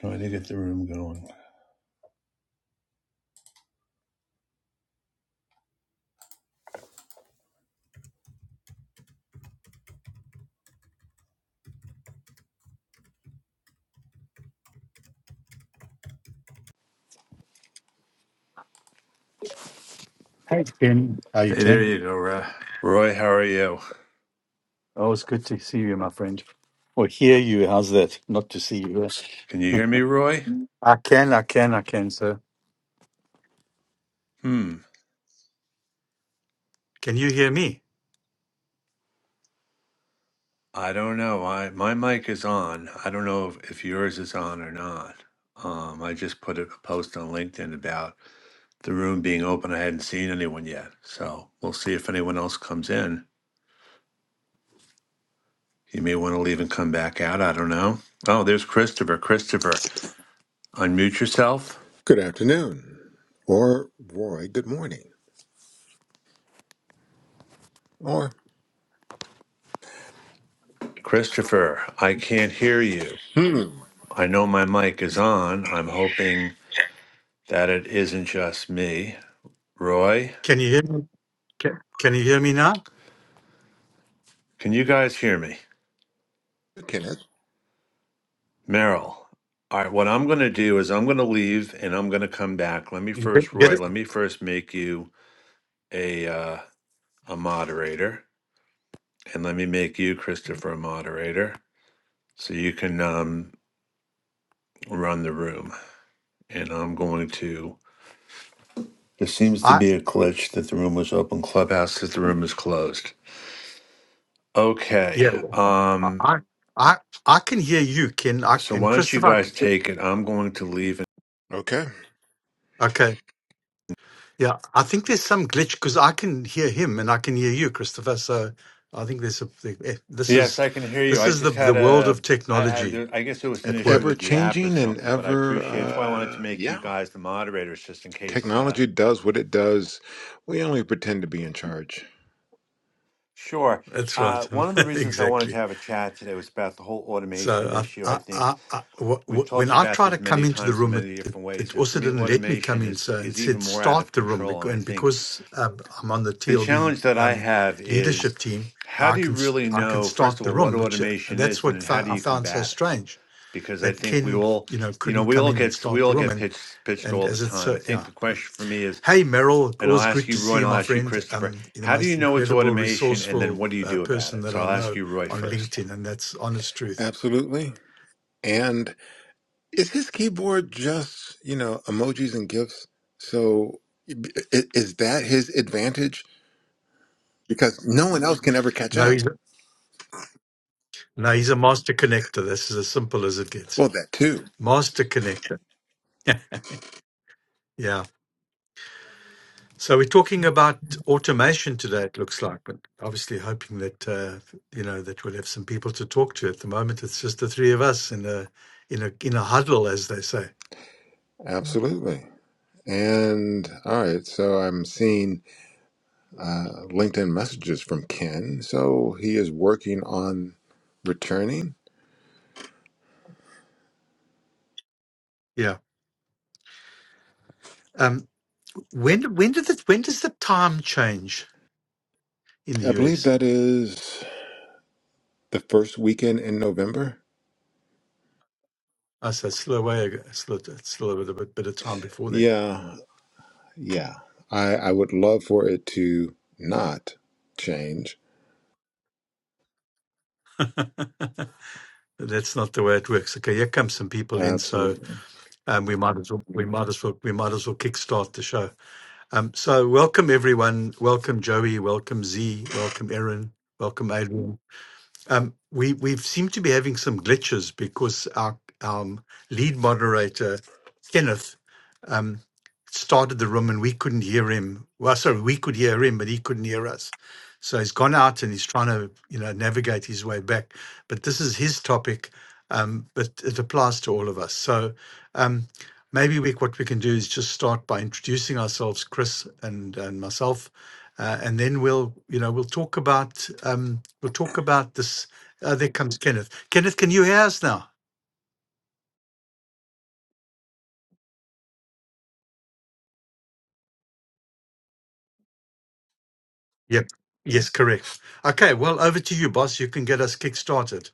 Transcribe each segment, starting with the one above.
Trying to get the room going. Hey, Ken. How are you Hey, there doing? you go, Roy. Roy, how are you? Oh, it's good to see you, my friend. Or hear you. How's that? Not to see you. Can you hear me, Roy? I can, I can, I can, sir. Hmm. Can you hear me? I don't know. I my mic is on. I don't know if, if yours is on or not. Um, I just put a post on LinkedIn about the room being open. I hadn't seen anyone yet, so we'll see if anyone else comes in. You may want to leave and come back out. I don't know. Oh, there's Christopher. Christopher, unmute yourself. Good afternoon. Or, Roy, good morning. Or, Christopher, I can't hear you. hmm, I know my mic is on. I'm hoping that it isn't just me. Roy, Can you hear me? Can, can you hear me now? can you guys hear me? Kenneth. Meryl. All right, what I'm going to do is I'm going to leave and I'm going to come back. Let me You first, get get Roy, it? let me first make you a uh, a moderator and let me make you, Christopher, a moderator so you can um, run the room. And I'm going to. There seems to I be a glitch that the room was open. Clubhouse that the room is closed. Okay. yeah. well, I Um, I I I can hear you. Ken I so and why don't you Christopher? guys I- take it? I'm going to leave Okay. Okay. Yeah. I think there's some glitch because I can hear him and I can hear you, Christopher. So I think there's a eh, this Yes, is I can hear you. this I is the just the had world a, of I, I, technology there, I guess it was an at issue work. Ever with the app or changing and something, but I ever, appreciate That's why I wanted to uh, make yeah. you guys the moderators just in case. Uh, Technology does what it does. We only pretend to be in charge. sure. That's Uh, right. one of the reasons I wanted to exactly. have a chat today was about the whole automation So issue. I, I I, I, think I- wh- we've wh- when talked I about tried to this come many into the times in room, it, many it, different it ways, and for also me, didn't let me come automation in. is So it is even said more out start of the room. control. bec- And I And think because um, I'm on the the TLB challenge that I um, have is leadership team, how I do you can s- really I can know, first start of the all, what room, which uh, automation that's is, and what then fou- how do I you found so combat it? strange Because I that think we Ken, all, you know, you know, couldn't we come all in and get we start the all room. get And pitched pitched and all the as it's time. so I think yeah. the question for me is, Hey, Merrill, and I'll always ask good you, to Roy, see and you, I'll my ask you, friend. Christopher, Um, you're the how do you most know it's incredible, automation, and then resourceful what do you uh, do about person it? that So I I'll ask know you, Roy, on first. LinkedIn, and that's honest truth. Absolutely. And is his keyboard just, you know, emojis and GIFs? So i- i- is that his advantage? Because no one else can ever catch No, he's up. no, he's a master connector. This is as simple as it gets. Well, that too. Master connector. yeah. So we're talking about automation today. It looks like, but obviously hoping that uh, you know that we'll have some people to talk to. At the moment, it's just the three of us in a in a in a huddle, as they say. Absolutely. And all right. So I'm seeing. uh, LinkedIn messages from Ken. So he is working on returning. Yeah. Um, when when did the when does the time change in the I believe US? that is the first weekend in November. I say still a way ago, still a, still a bit, bit of time before then. Yeah, yeah. I, I would love for it to not change. That's not the way it works. Okay, here come some people in, so Absolutely. um, we might as well we might as well we might as well kickstart the show. Um, so welcome everyone. Welcome Joey. Welcome Z. Welcome Erin. Welcome Adrian. Um, we we seem to be having some glitches because our um, lead moderator Kenneth um, started the room and we couldn't hear him. Well, sorry, we could hear him, but he couldn't hear us. So he's gone out and he's trying to you know navigate his way back. But this is his topic, um, but it applies to all of us. So um, maybe we, what we can do is just start by introducing ourselves, Chris and and myself, uh, and then we'll you know we'll talk about um, we'll talk about this. Uh, there comes Kenneth. Kenneth, can you hear us now? Yep. Yes, correct. Okay. Well, over to you, boss. You can get us kick started.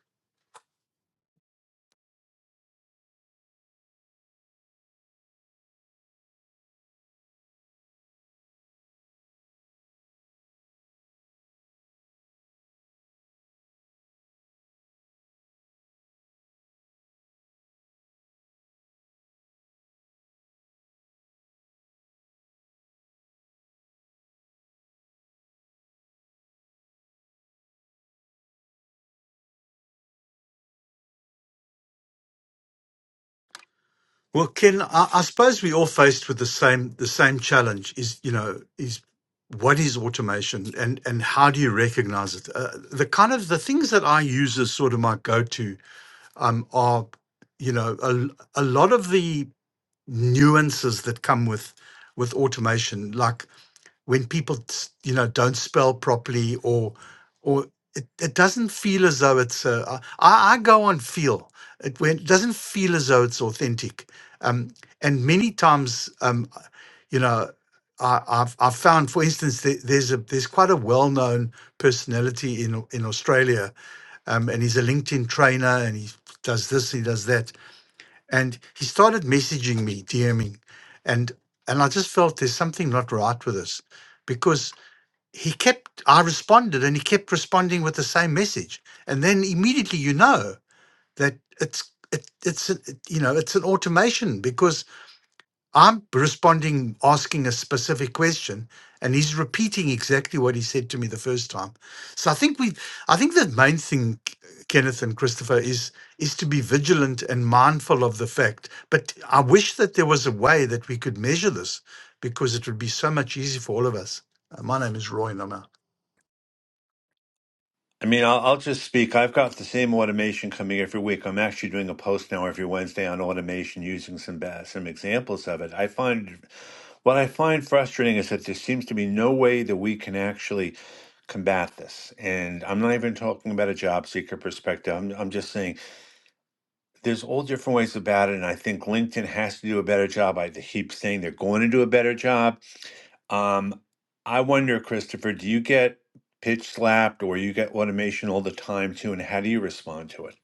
Well, Ken, I, I suppose we are all faced with the same the same challenge. Is you know is what is automation and and how do you recognize it? Uh, the kind of the things that I use as sort of my go to um, are you know a, a lot of the nuances that come with with automation like when people s- you know don't spell properly or or it, it doesn't feel as though it's uh, I, I go on feel it, when, it doesn't feel as though it's authentic um, and many times um, you know I, I've, I've found for instance there, there's a there's quite a well-known personality in Au- in Australia um, and he's a LinkedIn trainer and he does this he does that and he started messaging me, DMing, and and I just felt there's something not right with this, because he kept I responded and he kept responding with the same message, and then immediately you know that it's it, it's a- it, you know it's an automation because. I'm responding, asking a specific question, and he's repeating exactly what he said to me the first time. So I think we, I think the main thing, Kenneth and Christopher, is is to be vigilant and mindful of the fact. But I wish that there was a way that we could measure this, because it would be so much easier for all of us. Uh, my name is Roy Nama. I mean, I'll, I'll just speak. I've got the same automation coming every week. I'm actually doing a post now every Wednesday on automation using some ba- some examples of it. I find what I find frustrating is that there seems to be no way that we can actually combat this. And I'm not even talking about a job seeker perspective. I'm, I'm just saying there's all different ways about it, and I think LinkedIn has to do a better job. I keep saying they're going to do a better job. Um, I wonder, Christopher, do you get pitch slapped or you get automation all the time too, and how do you respond to it?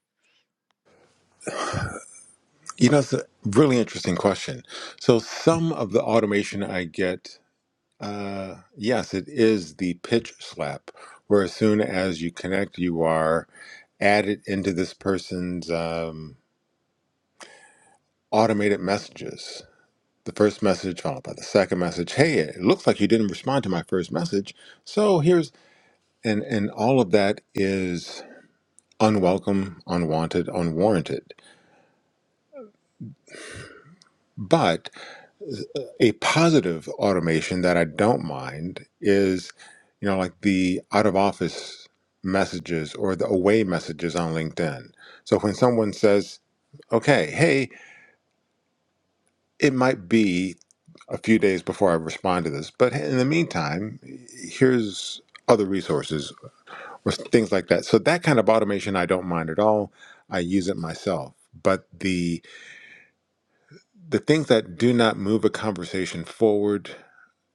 You know, it's a really interesting question. So, some of the automation I get, uh, yes, it is the pitch slap, where as soon as you connect, you are added into this person's. um, automated messages. The first message followed by the second message. Hey, it looks like you didn't respond to my first message. So here's and and all of that is unwelcome, unwanted, unwarranted. But a positive automation that I don't mind is, you know, like the out of office messages or the away messages on LinkedIn. So when someone says, "Okay, hey, It might be a few days before I respond to this, but in the meantime, here's other resources or things like that. So that kind of automation I don't mind at all. I use it myself. But the the things that do not move a conversation forward,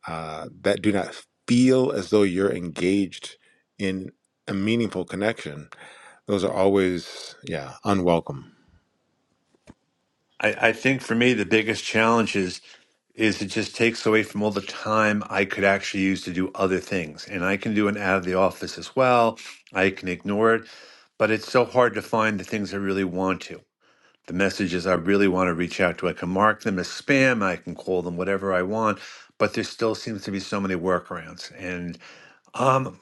uh, that do not feel as though you're engaged in a meaningful connection, those are always yeah unwelcome. I, I think for me the biggest challenge is is it just takes away from all the time I could actually use to do other things. And I can do an out of the office as well. I can ignore it, but it's so hard to find the things I really want to. the messages I really want to reach out to. I can mark them as spam, I can call them whatever I want, but there still seems to be so many workarounds. And um,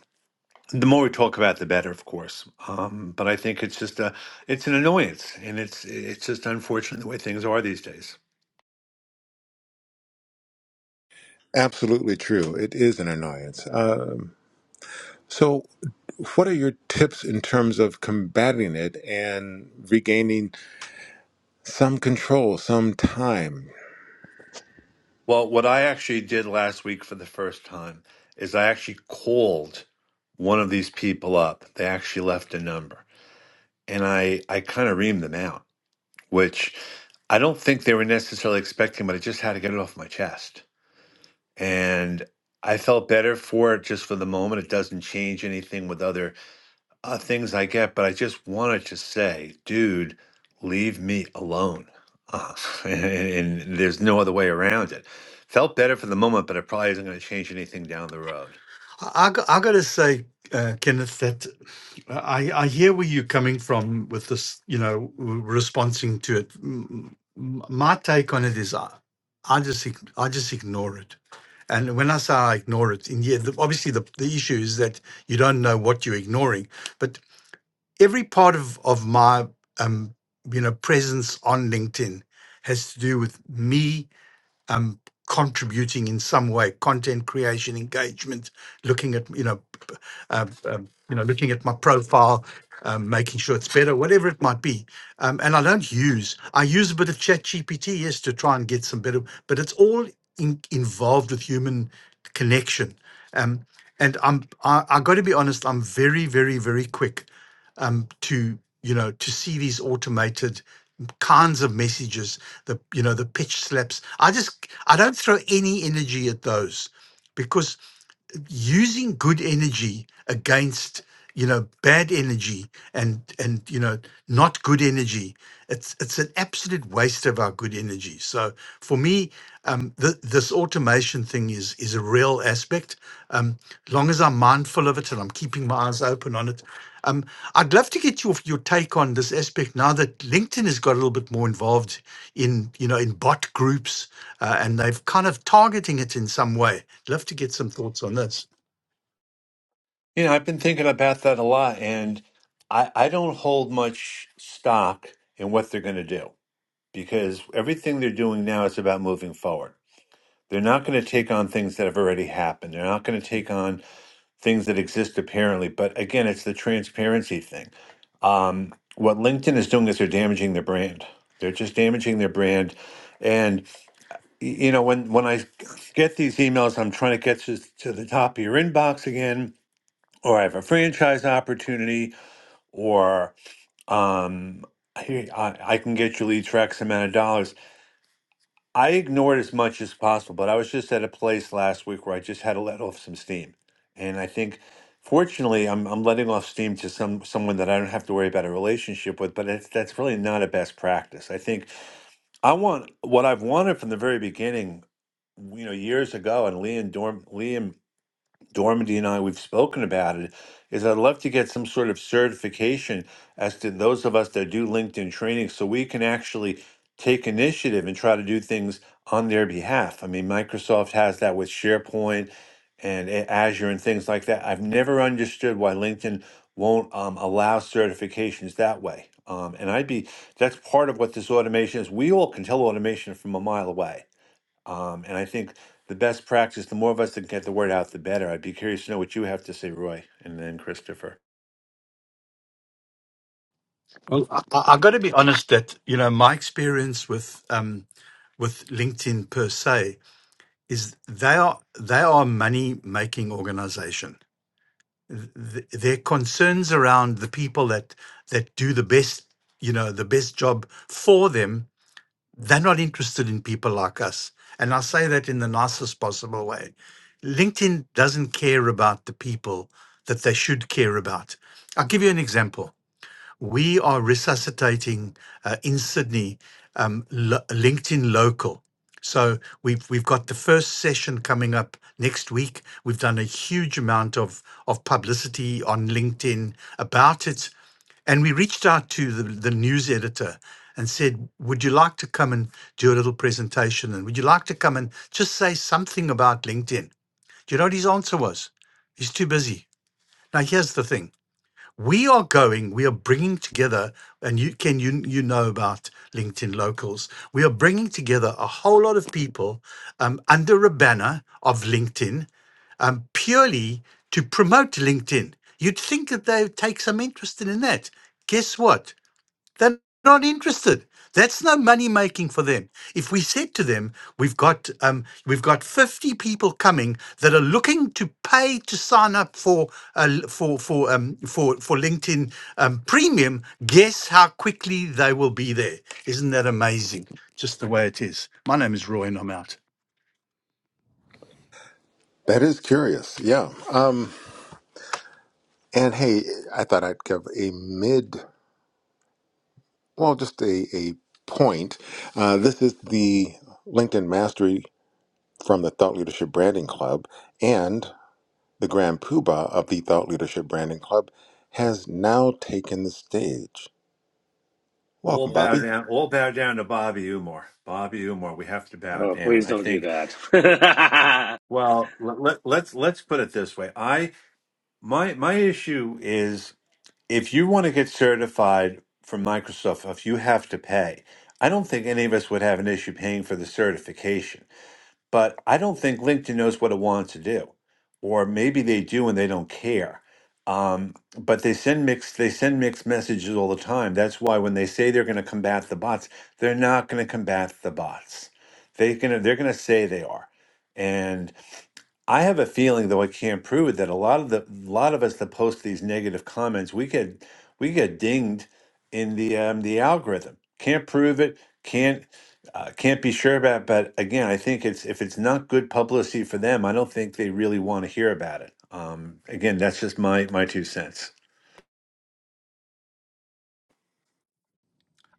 the more we talk about, the better, of course. Um, but I think it's just a, it's an annoyance, and it's it's just unfortunate the way things are these days. Absolutely true. It is an annoyance. Um So, what are your tips in terms of combating it and regaining some control, some time? Well, what I actually did last week for the first time is I actually called one of these people up. They actually left a number, and I I kind of reamed them out which I don't think they were necessarily expecting, but I just had to get it off my chest. And I felt better for it just for the moment. It doesn't change anything with other uh, things I get, but I just wanted to say, dude, leave me alone. Uh, and, and there's no other way around it. Felt better for the moment, but it probably isn't going to change anything down the road. I, I, go- I gotta say, uh, Kenneth, that I, I hear where you're coming from with this, you know, w- responding to it. M- m- My take on it is, I, I just, ig- I just ignore it. And when I say I ignore it, in yeah, the, obviously the, the issue is that you don't know what you're ignoring. But every part of of my, um, you know, presence on LinkedIn has to do with me, um, contributing in some way, content creation, engagement, looking at, you know uh, um, you know, looking at my profile, um, making sure it's better, whatever it might be. Um, and I don't use, I use a bit of ChatGPT GPT, yes, to try and get some better, but it's all in, involved with human connection. Um, and I'm, I, I got to be honest, I'm very, very, very quick um, to, you know, to see these automated kinds of messages, the, you know, the pitch slaps. I just, I don't throw any energy at those because using good energy against you know bad energy and and you know not good energy it's it's an absolute waste of our good energy so for me um th- this automation thing is is a real aspect um long as i'm mindful of it and i'm keeping my eyes open on it um i'd love to get your your take on this aspect now that linkedin has got a little bit more involved in you know in bot groups uh, and they've kind of targeting it in some way love to get some thoughts on this. You know, I've been thinking about that a lot, and I, I don't hold much stock in what they're going to do. because everything they're doing now is about moving forward. They're not going to take on things that have already happened. They're not going to take on things that exist apparently. But again, it's the transparency thing. Um, what LinkedIn is doing is they're damaging their brand. They're just damaging their brand. And y- you know, when when I get these emails, I'm trying to get to, to the top of your inbox again, or I have a franchise opportunity, or um, here I, I can get you leads for X amount of dollars I ignored as much as possible, but I was just at a place last week where I just had to let off some steam. And I think fortunately I'm I'm letting off steam to some someone that I don't have to worry about a relationship with, but it's, that's really not a best practice. I think I want what I've wanted from the very beginning, you know, years ago and Liam Dorm Liam Dormady and I, we've spoken about it, is I'd love to get some sort of certification as to those of us that do LinkedIn training so we can actually take initiative and try to do things on their behalf. I mean, Microsoft has that with SharePoint and A- Azure and things like that. I've never understood why LinkedIn won't um, allow certifications that way. Um, and I'd be, that's part of what this automation is. We all can tell automation from a mile away um, and I think the best practice, the more of us that can get the word out, the better. I'd be curious to know what you have to say, Roy, and then Christopher. Well, I, I, I got to be honest that you know my experience with um, with LinkedIn per se is they are they are a money making organization. Th- th- Their concerns around the people that that do the best you know the best job for them they're not interested in people like us and i say that in the nicest possible way linkedin doesn't care about the people that they should care about i'll give you an example we are resuscitating uh, in Sydney um, Lo- LinkedIn Local. So we've we've got the first session coming up next week. We've done a huge amount of of publicity on LinkedIn about it, and we reached out to the, the news editor and said, "Would you like to come and do a little presentation? And would you like to come and just say something about LinkedIn?" Do you know what his answer was? He's too busy. Now here's the thing we are going we are bringing together and you can you you know about linkedin locals we are bringing together a whole lot of people um, under a banner of linkedin um, purely to promote linkedin you'd think that they would take some interest in that guess what they're not interested. That's no money making for them. If we said to them, we've got um, we've got fifty people coming that are looking to pay to sign up for uh, for for um, for for LinkedIn um, Premium, guess how quickly they will be there. Isn't that amazing? Just the way it is. My name is Roy, and I'm out. That is curious. Yeah. Um, and hey, I thought I'd give a mid, well, just a, a point. Uh, this is the LinkedIn Mastery from the Thought Leadership Branding Club, and the Grand Poobah of the Thought Leadership Branding Club has now taken the stage. All Welcome, bow Bobby. down. All bow down to Bobby Umar. Bobby Umar. We have to bow Oh, down. please I don't do think. that. Well, let, let, let's let's put it this way. I my my issue is if you want to get certified from Microsoft, if you have to pay, I don't think any of us would have an issue paying for the certification. but I don't think LinkedIn knows what it wants to do, or maybe they do and they don't care. Um, but they send mixed they send mixed messages all the time. That's why when they say they're going to combat the bots, they're not going to combat the bots. They gonna they're going to say they are, I have a feeling, though I can't prove it, that a lot of the a lot of us that post these negative comments, we get we get dinged in the um, the algorithm. Can't prove it. Can't uh, can't be sure about. But again, I think it's if it's not good publicity for them, I don't think they really want to hear about it. Um, again, that's just my my two cents.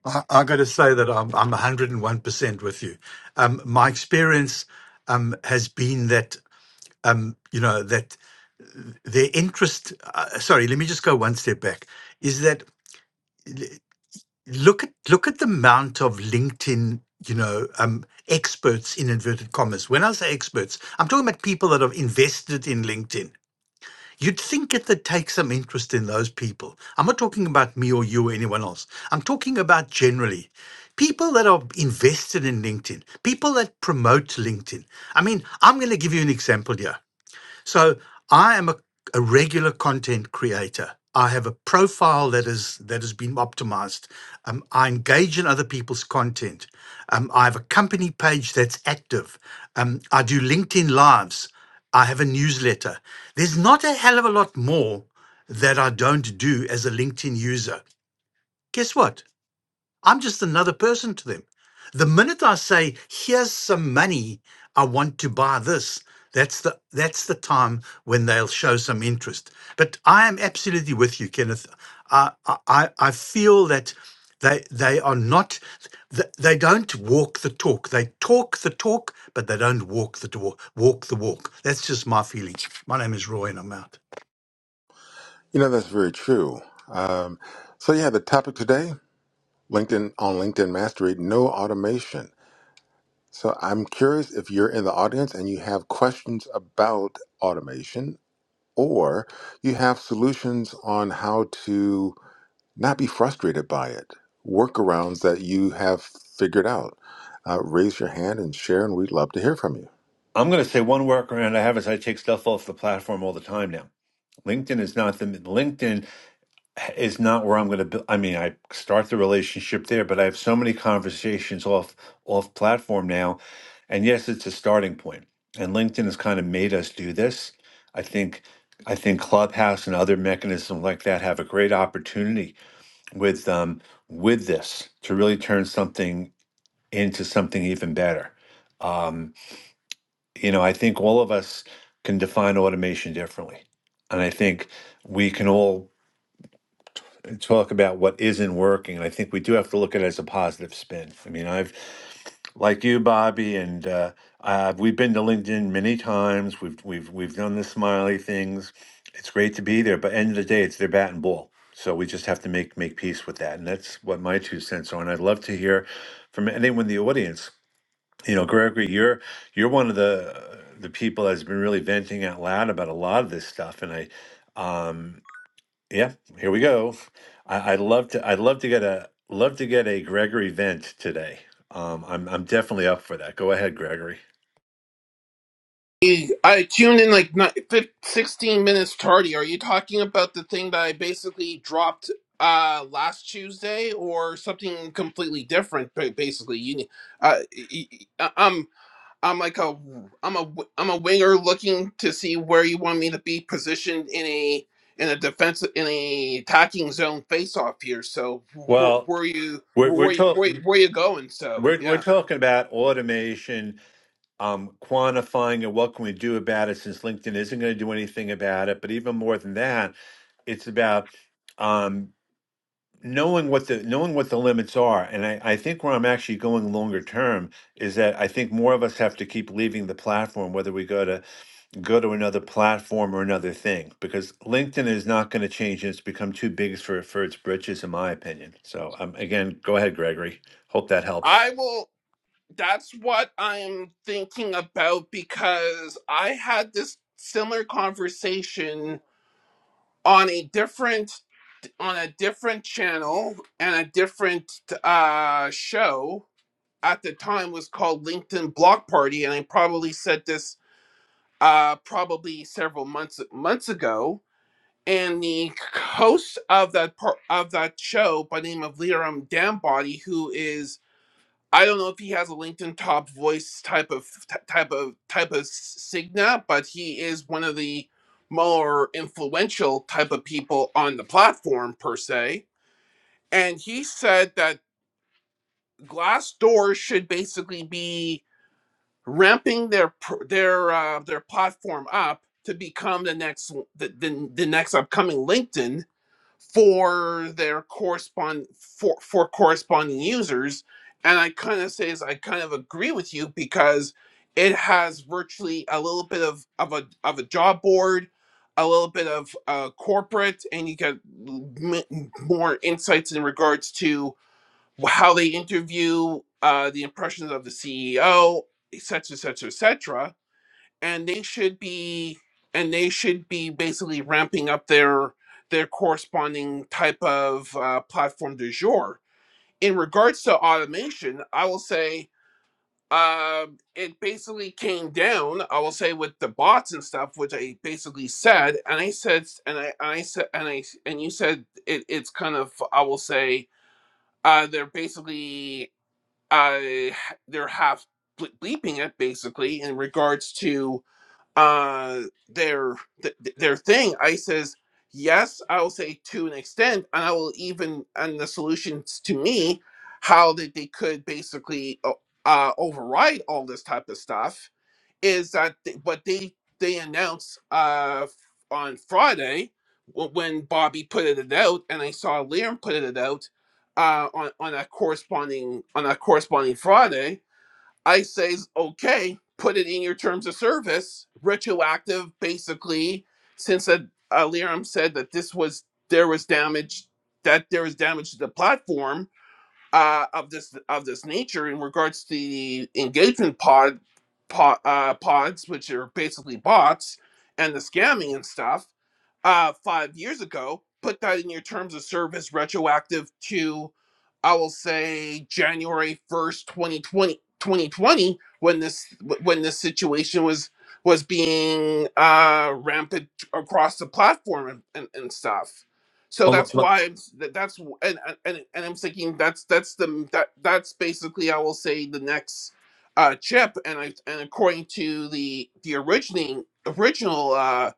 I, I got to say that I'm I'm 101 percent with you. Um, my experience um, has been that. um, you know, that their interest. Uh, sorry, let me just go one step back. Is that l- look at look at the amount of LinkedIn, you know, um, experts in inverted commas. When I say experts, I'm talking about people that have invested in LinkedIn. You'd think it that take some interest in those people. I'm not talking about me or you or anyone else. I'm talking about generally people that are invested in LinkedIn, people that promote LinkedIn. I mean, I'm going to give you an example here. So I am a, a regular content creator. I have a profile that is that has been optimized. Um, I engage in other people's content. Um, I have a company page that's active. Um, I do LinkedIn lives. I have a newsletter. There's not a hell of a lot more that I don't do as a LinkedIn user. Guess what? I'm just another person to them. The minute I say, here's some money, I want to buy this, that's the that's the time when they'll show some interest. But I am absolutely with you, Kenneth. I I, I I feel that they they are not th- they don't walk the talk. They talk the talk, but they don't walk the door, walk the walk. That's just my feeling. My name is Roy and I'm out. You know, that's very true. Um, so, yeah, the topic today LinkedIn on LinkedIn Mastery, no automation. So, I'm curious if you're in the audience and you have questions about automation or you have solutions on how to not be frustrated by it, workarounds that you have figured out. Uh, raise your hand and share, and we'd love to hear from you. I'm going to say one workaround I have is I take stuff off the platform all the time now. LinkedIn is not the LinkedIn. is not where I'm going to build. I mean, I start the relationship there, but I have so many conversations off off platform now. And yes, it's a starting point. And LinkedIn has kind of made us do this. I think I think Clubhouse and other mechanisms like that have a great opportunity with um, with this to really turn something into something even better. Um, you know, I think all of us can define automation differently, and I think we can all and talk about what isn't working. And I think we do have to look at it as a positive spin. I mean, I've, like you, Bobby, and uh, uh, we've been to LinkedIn many times. We've we've we've done the smiley things. It's great to be there, but end of the day, it's their bat and ball. So we just have to make make peace with that, and that's what my two cents are. And I'd love to hear from anyone in the audience. You know, Gregory, you're you're one of the the people that's been really venting out loud about a lot of this stuff, and I. Um, Yep, here we go. I, I'd love to. I'd love to get a love to get a Gregory vent today. Um, I'm I'm definitely up for that. Go ahead, Gregory. I tuned in like ni- fif- 16 minutes tardy. Are you talking about the thing that I basically dropped uh last Tuesday or something completely different ba- basically you uh y- y- I'm I'm like a I'm a w- I'm a winger looking to see where you want me to be positioned in a in a defense in a attacking zone face off here so wh- wh- Well, where you we're we're where you- where you- talking where you going so we're we're yeah talking about automation, um, quantifying, and what can we do about it? Since LinkedIn isn't going to do anything about it, but even more than that, it's about um, knowing what the knowing what the limits are. And I, I think where I'm actually going longer term is that I think more of us have to keep leaving the platform, whether we go to go to another platform or another thing because LinkedIn is not going to change. It's become too big for, for its britches, in my opinion. So, um, again, go ahead, Gregory. Hope that helps. I will that's what I'm thinking about because I had this similar conversation on a different on a different channel and a different uh show at the time was called LinkedIn Block Party and I probably said this uh probably several months months ago and the host of that par- of that show by the name of Liram Dambody who is I don't know if he has a LinkedIn top voice type of t- type of type of signa, but he is one of the more influential type of people on the platform per se. And he said that Glassdoor should basically be ramping their pr- their uh, their platform up to become the next the, the, the next upcoming LinkedIn for their correspond for for corresponding users and i kind of says i kind of agree with you because it has virtually a little bit of of a of a job board a little bit of uh, corporate and you get m- more insights in regards to how they interview uh, the impressions of the ceo etc etc etc and they should be and they should be basically ramping up their their corresponding type of uh, platform du jour. In regards to automation, I will say um it basically came down. I will say with the bots and stuff, which I basically said, and I said, s- and I, and I said, and I, s- and you said it, it's kind of I will say uh, they're basically uh, they're half ble- bleeping it basically in regards to uh their th- their thing i says yes i will say to an extent and i will even and the solutions to me how that they could basically o- uh override all this type of stuff is that they, but they they announced uh f- on friday wh- when bobby put it out and i saw liam put it out uh on on a corresponding on a corresponding friday I says, okay, put it in your terms of service, retroactive, basically, since uh, Aliram said that this was there was damage that there was damage to the platform uh, of this of this nature in regards to the engagement pod, pod uh, pods, which are basically bots and the scamming and stuff. Uh, five years ago, put that in your terms of service, retroactive to I will say January 1st, 2020, when this when this situation was was being uh rampant across the platform and, and, and stuff. So Well, that's well, why I'm, s- that- that's w- and, and and and I'm thinking that's that's the that that's basically I will say the next uh chip and I and according to the the originating original uh,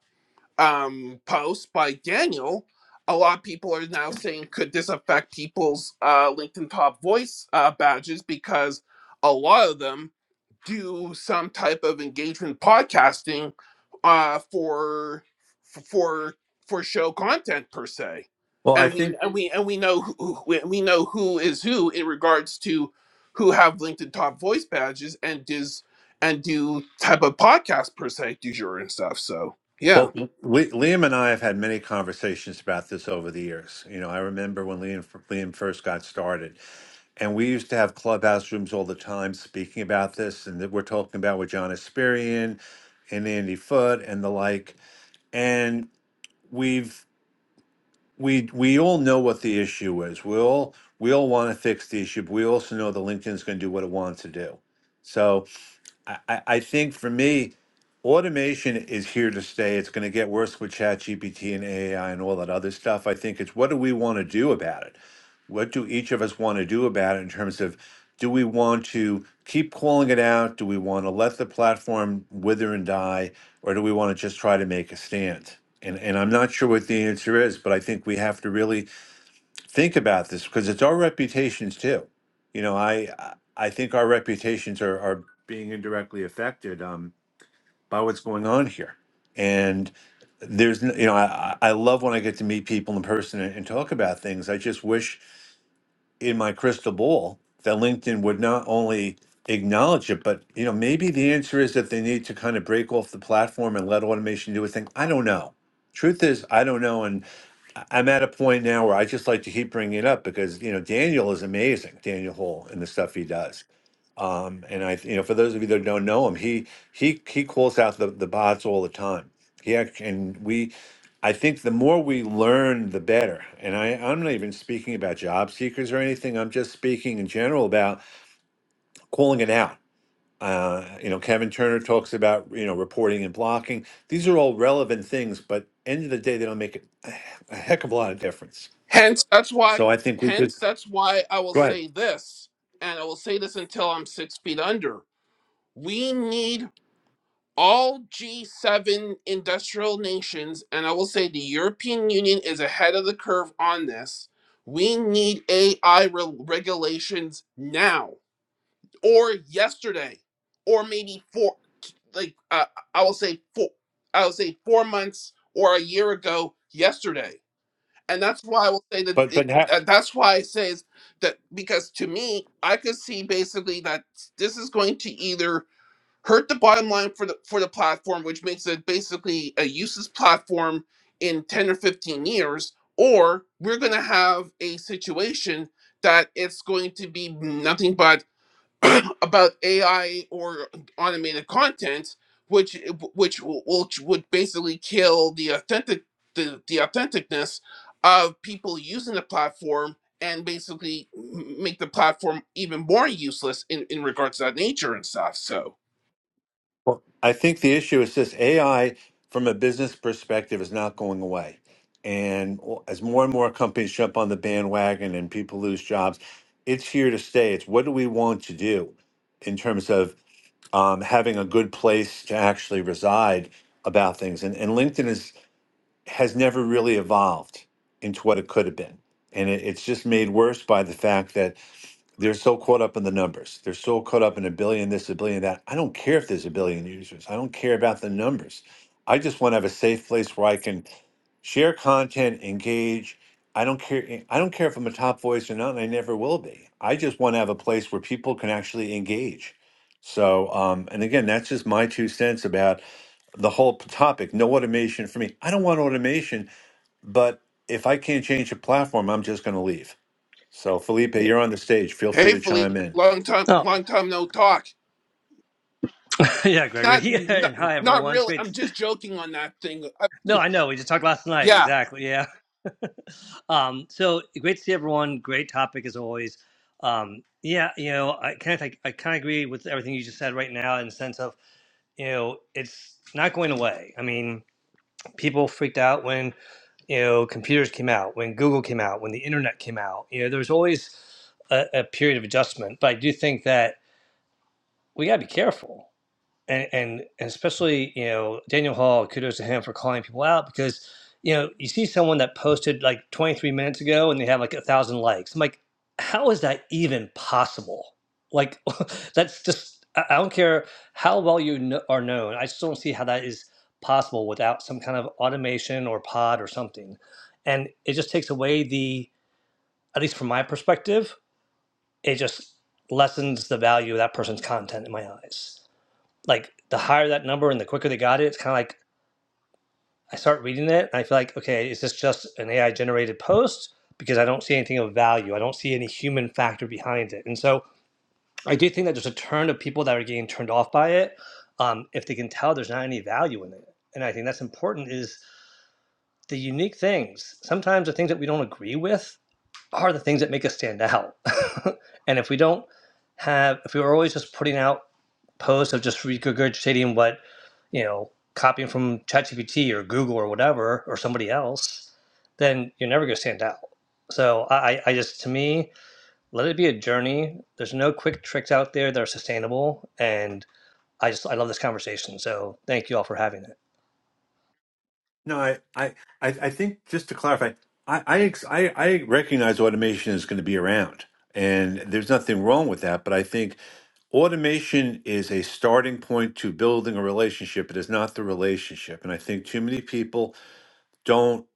um, post by Daniel, a lot of people are now saying, could this affect people's uh, LinkedIn Top Voice uh, badges? Because a lot of them do some type of engagement podcasting uh, for for for show content per se, well, I and we think and we and we know who who- we we know who is who in regards to who have LinkedIn Top Voice badges and does and do type of podcast per se, du jour and stuff. So yeah. Well, we, Liam and I have had many conversations about this over the years. You know, I remember when Liam, Liam first got started, and we used to have clubhouse rooms all the time speaking about this, and that we're talking about with John Asperian and Andy Foote and the like. And we've we we all know what the issue is. We all we all want to fix the issue, but we also know that LinkedIn's going to do what it wants to do. So I, I I think for me, automation is here to stay. It's going to get worse with ChatGPT and AI and all that other stuff. I think it's what do we want to do about it? What do each of us want to do about it in terms of do we want to keep calling it out? Do we want to let the platform wither and die? Or do we want to just try to make a stand? And, and I'm not sure what the answer is, but I think we have to really think about this because it's our reputations too. You know, I I I think our reputations are are being indirectly affected um, by what's going on here. And there's, n- you know, I, I I love when I get to meet people in person and, and talk about things. I just wish in my crystal ball that LinkedIn would not only acknowledge it, but, you know, maybe the answer is that they need to kind of break off the platform and let automation do its thing. I don't know. Truth is, I don't know. And. I- am at a point now where I just like to keep bringing it up because you know Daniel is amazing, Daniel Hall and the stuff he does. Um, and I, you know, for those of you that don't know him, he he he calls out the the bots all the time. He act- and we, I think the more we learn, the better. And I I'm not even speaking about job seekers or anything. I'm just speaking in general about calling it out. Uh, you know, Kevin Turner talks about you know reporting and blocking. These are all relevant things, but end of the day, they don't make a a heck of a lot of difference. Hence, that's why. So I think, we, Hence, that's why I will say this, and I will say this until I'm six feet under. We need all G7 industrial nations, and I will say the European Union is ahead of the curve on this. We need AI re- regulations now, or yesterday, or maybe four. Like uh, I will say four. I will say four months or a year ago yesterday and that's why I will say that. but but It, ha- uh, that's why I say is that because to me, I could see basically that this is going to either hurt the bottom line for the for the platform, which makes it basically a useless platform in ten or fifteen years, or we're going to have a situation that it's going to be nothing but about AI or automated content, which which will- which would basically kill the authentic the, the authenticness of people using the platform and basically m- make the platform even more useless in, in regards to that nature and stuff. So well, I think the issue is this: AI, from a business perspective, is not going away. And as more and more companies jump on the bandwagon and people lose jobs, it's here to stay. It's what do we want to do in terms of um, having a good place to actually reside about things. And, and LinkedIn is has never really evolved into what it could have been, and it, it's just made worse by the fact that They're so caught up in the numbers. They're so caught up in a billion this, a billion that. I don't care if there's a billion users. I don't care about the numbers. I just want to have a safe place where I can share content, engage. I don't care. eh, I don't care if I'm a top voice or not, and I never will be. I just want to have a place where people can actually engage. So, um, and again, that's just my two cents about the whole topic. No automation for me. I don't want automation, but if I can't change a platform, I'm just going to leave. So, Felipe, hey, you're on the stage. Feel free hey to chime Felipe, in. long time Oh, long time no talk. yeah, Gregory. Not Yeah, not, and hi, not everyone. It's really. great. I'm just joking on that thing. I, No, I know. We just talked last night. yeah, Exactly. Yeah. Um, so great to see everyone. Great topic as always. Um, yeah, you know, I kind of I, I kind of agree with everything you just said right now in the sense of, you know, it's not going away. I mean, people freaked out when, you know, computers came out, when Google came out, when the internet came out. You know, there was always a, a period of adjustment. But I do think that we got to be careful. and, and and especially you know Daniel Hall, kudos to him for calling people out because you know you see someone that posted like 23 minutes ago and they have like a thousand likes. I'm like, how is that even possible? Like, that's just I I don't care how well you kn- are known. I just don't see how that is possible without some kind of automation or pod or something. And it just takes away the, at least from my perspective, it just lessens the value of that person's content in my eyes like the higher that number and the quicker they got it, it's kind of like I start reading it and I feel like, okay, is this just an AI generated post? Because I don't see anything of value. I don't see any human factor behind it. And so I do think that there's a turn of people that are getting turned off by it um, if they can tell there's not any value in it. And I think that's important is the unique things. Sometimes the things that we don't agree with are the things that make us stand out. and if we don't have, if we were always just putting out post of just regurgitating what you know copying from ChatGPT or Google or whatever or somebody else, then you're never going to stand out. So I, I just to me let it be a journey. There's no quick tricks out there that are sustainable, and I just I love this conversation. So thank you all for having it. No, I, I, I I think just to clarify, I, I, ex- I I recognize automation is going to be around, and there's nothing wrong with that. But I think automation is a starting point to building a relationship. It is not the relationship, and I think too many people don't.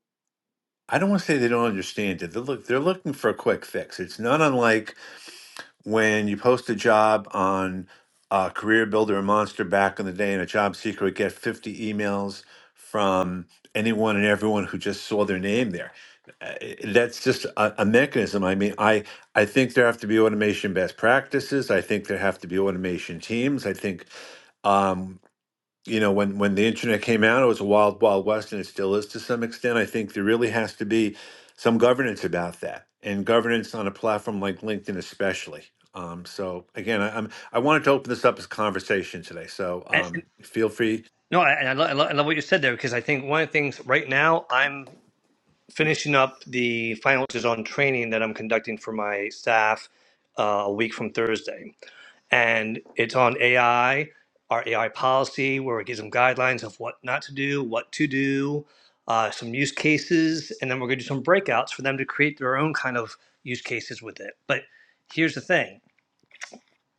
I don't want to say they don't understand it. they look, they're looking for a quick fix. It's not unlike when you post a job on uh, Career Builder or Monster back in the day, and a job seeker would get 50 emails from anyone and everyone who just saw their name there. Uh, That's just a, a mechanism. I mean, I I think there have to be automation best practices. I think there have to be automation teams. I think um, you know, when when the internet came out, it was a wild, wild west, and it still is to some extent. I think there really has to be some governance about that, and governance on a platform like LinkedIn, especially. Um, so again, I, I'm I wanted to open this up as a conversation today. So And, and- um, feel free. no, I- and I, lo- I, lo- I love what you said there because I think one of the things right now I'm finishing up the final on training that I'm conducting for my staff uh, a week from Thursday. And it's on AI, our AI policy, where we give them guidelines of what not to do, what to do, uh, some use cases, and then we're going to do some breakouts for them to create their own kind of use cases with it. But here's the thing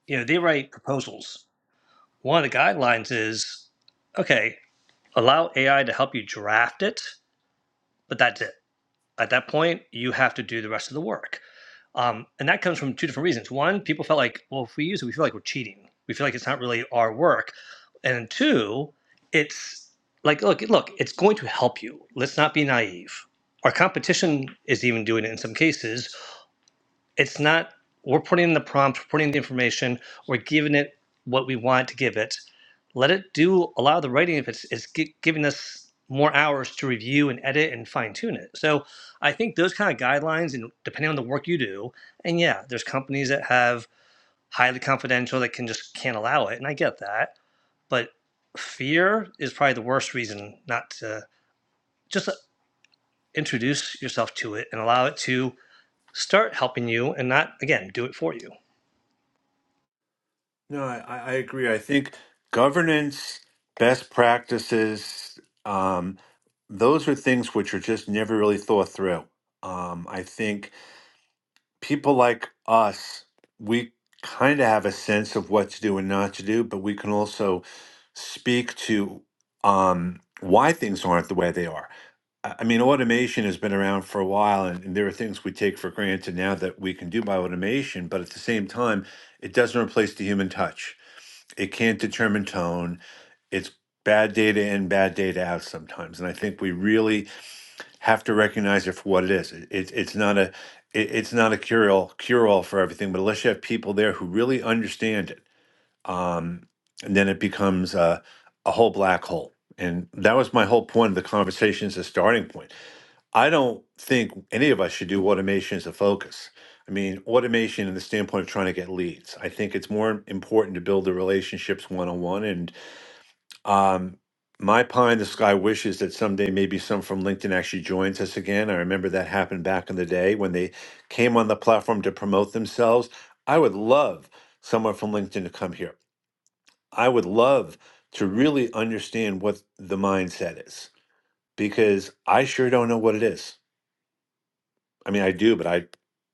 you know, they write proposals. One of the guidelines is okay, allow AI to help you draft it, but that's it. At that point, you have to do the rest of the work Um, and that comes from two different reasons. One, people felt like, well, if we use it, we feel like we're cheating. We feel like it's not really our work. And two, it's like, look, look, it's going to help you. Let's not be naive. Our competition is even doing it in some cases it's not we're putting in the prompt we're putting in the information we're giving it what we want to give it let it do a lot of the writing if it's, it's gi- giving us more hours to review and edit and fine-tune it so i think those kind of guidelines and depending on the work you do and yeah there's companies that have highly confidential that can just can't allow it and i get that but fear is probably the worst reason not to just uh, introduce yourself to it and allow it to start helping you and not again do it for you No, I, I I agree. I think governance, best practices, um, those are things which are just never really thought through. Um, I think people like us, we kind of have a sense of what to do and not to do, but we can also speak to um, why things aren't the way they are. I I mean, automation has been around for a while, and, and there are things we take for granted now that we can do by automation, but at the same time, it doesn't replace the human touch. It can't determine tone. It's bad data in, bad data out sometimes. And I think we really have to recognize it for what it is. It, it- it's not a it- it's not a cure all cure all for everything, but unless you have people there who really understand it, um, and then it becomes a, a whole black hole. And that was my whole point of the conversation as a starting point. I don't think any of us should do automation as a focus. I mean, automation in the standpoint of trying to get leads. I think it's more important to build the relationships one on one and. Um, my pie in the sky wish is that someday maybe some from LinkedIn actually joins us again. I remember that happened back in the day when they came on the platform to promote themselves. I would love someone from LinkedIn to come here. I would love to really understand what the mindset is because I sure don't know what it is. I mean, I do, but I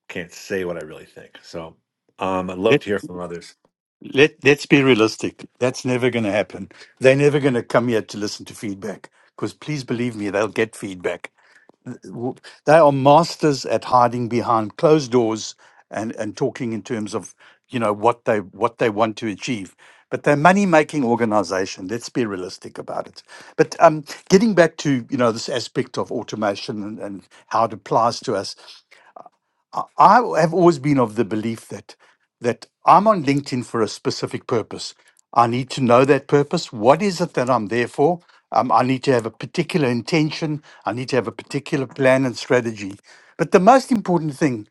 can't say what I really think. So um, I'd love to hear from others. Let let's be realistic. That's never going to happen. They're never going to come here to listen to feedback because please believe me, they'll get feedback. W- They are masters at hiding behind closed doors and and talking in terms of you know what they what they want to achieve. But they're money making organization. Let's be realistic about it. But um, getting back to you know this aspect of automation and, and how it applies to us, I have always been of the belief that that I'm on LinkedIn for a specific purpose. I need to know that purpose. What is it that I'm there for? Um, I need to have a particular intention. I need to have a particular plan and strategy. But the most important thing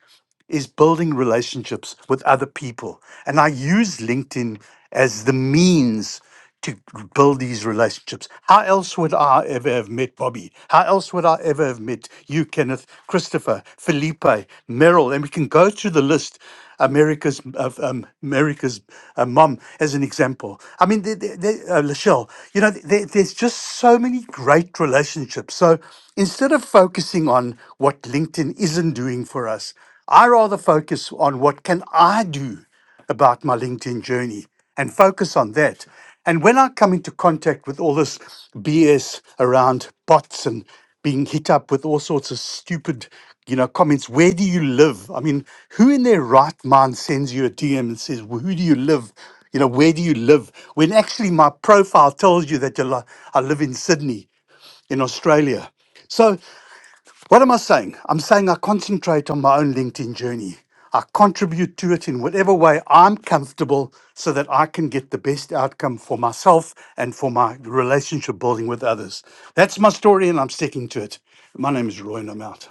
is building relationships with other people. And I use LinkedIn as the means to build these relationships. How else would I ever have met Bobby? How else would I ever have met you, Kenneth, Christopher, Felipe, Merrill? And we can go through the list. America's of um, America's uh, mom as an example. I mean, the, the, the, uh, Lachelle, you know, there, there's just so many great relationships. So instead of focusing on what LinkedIn isn't doing for us, I rather focus on what can I do about my LinkedIn journey and focus on that. And when I come into contact with all this BS around bots and being hit up with all sorts of stupid, you know, comments, where do you live? I mean, who in their right mind sends you a DM and says, well, who do you live? You know, where do you live? When actually my profile tells you that you're li- I live in Sydney, in Australia. So what am I saying? I'm saying I concentrate on my own LinkedIn journey. I contribute to it in whatever way I'm comfortable so that I can get the best outcome for myself and for my relationship building with others. That's my story and I'm sticking to it. My name is Roy and I'm out.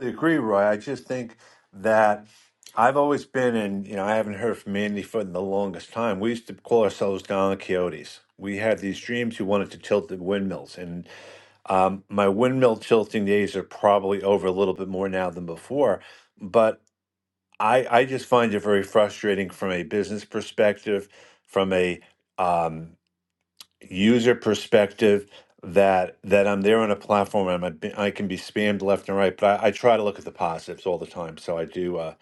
I agree, Roy. I just think that I've always been in, you know, I haven't heard from Andy for the longest time. We used to call ourselves Don Quixotes. We had these dreams we wanted to tilt the windmills. And um, my windmill tilting days are probably over a little bit more now than before. But I, I just find it very frustrating from a business perspective, from a um, user perspective that that I'm there on a platform I'm a, b- I can be spammed left and right, but I, I try to look at the positives all the time. So I do uh,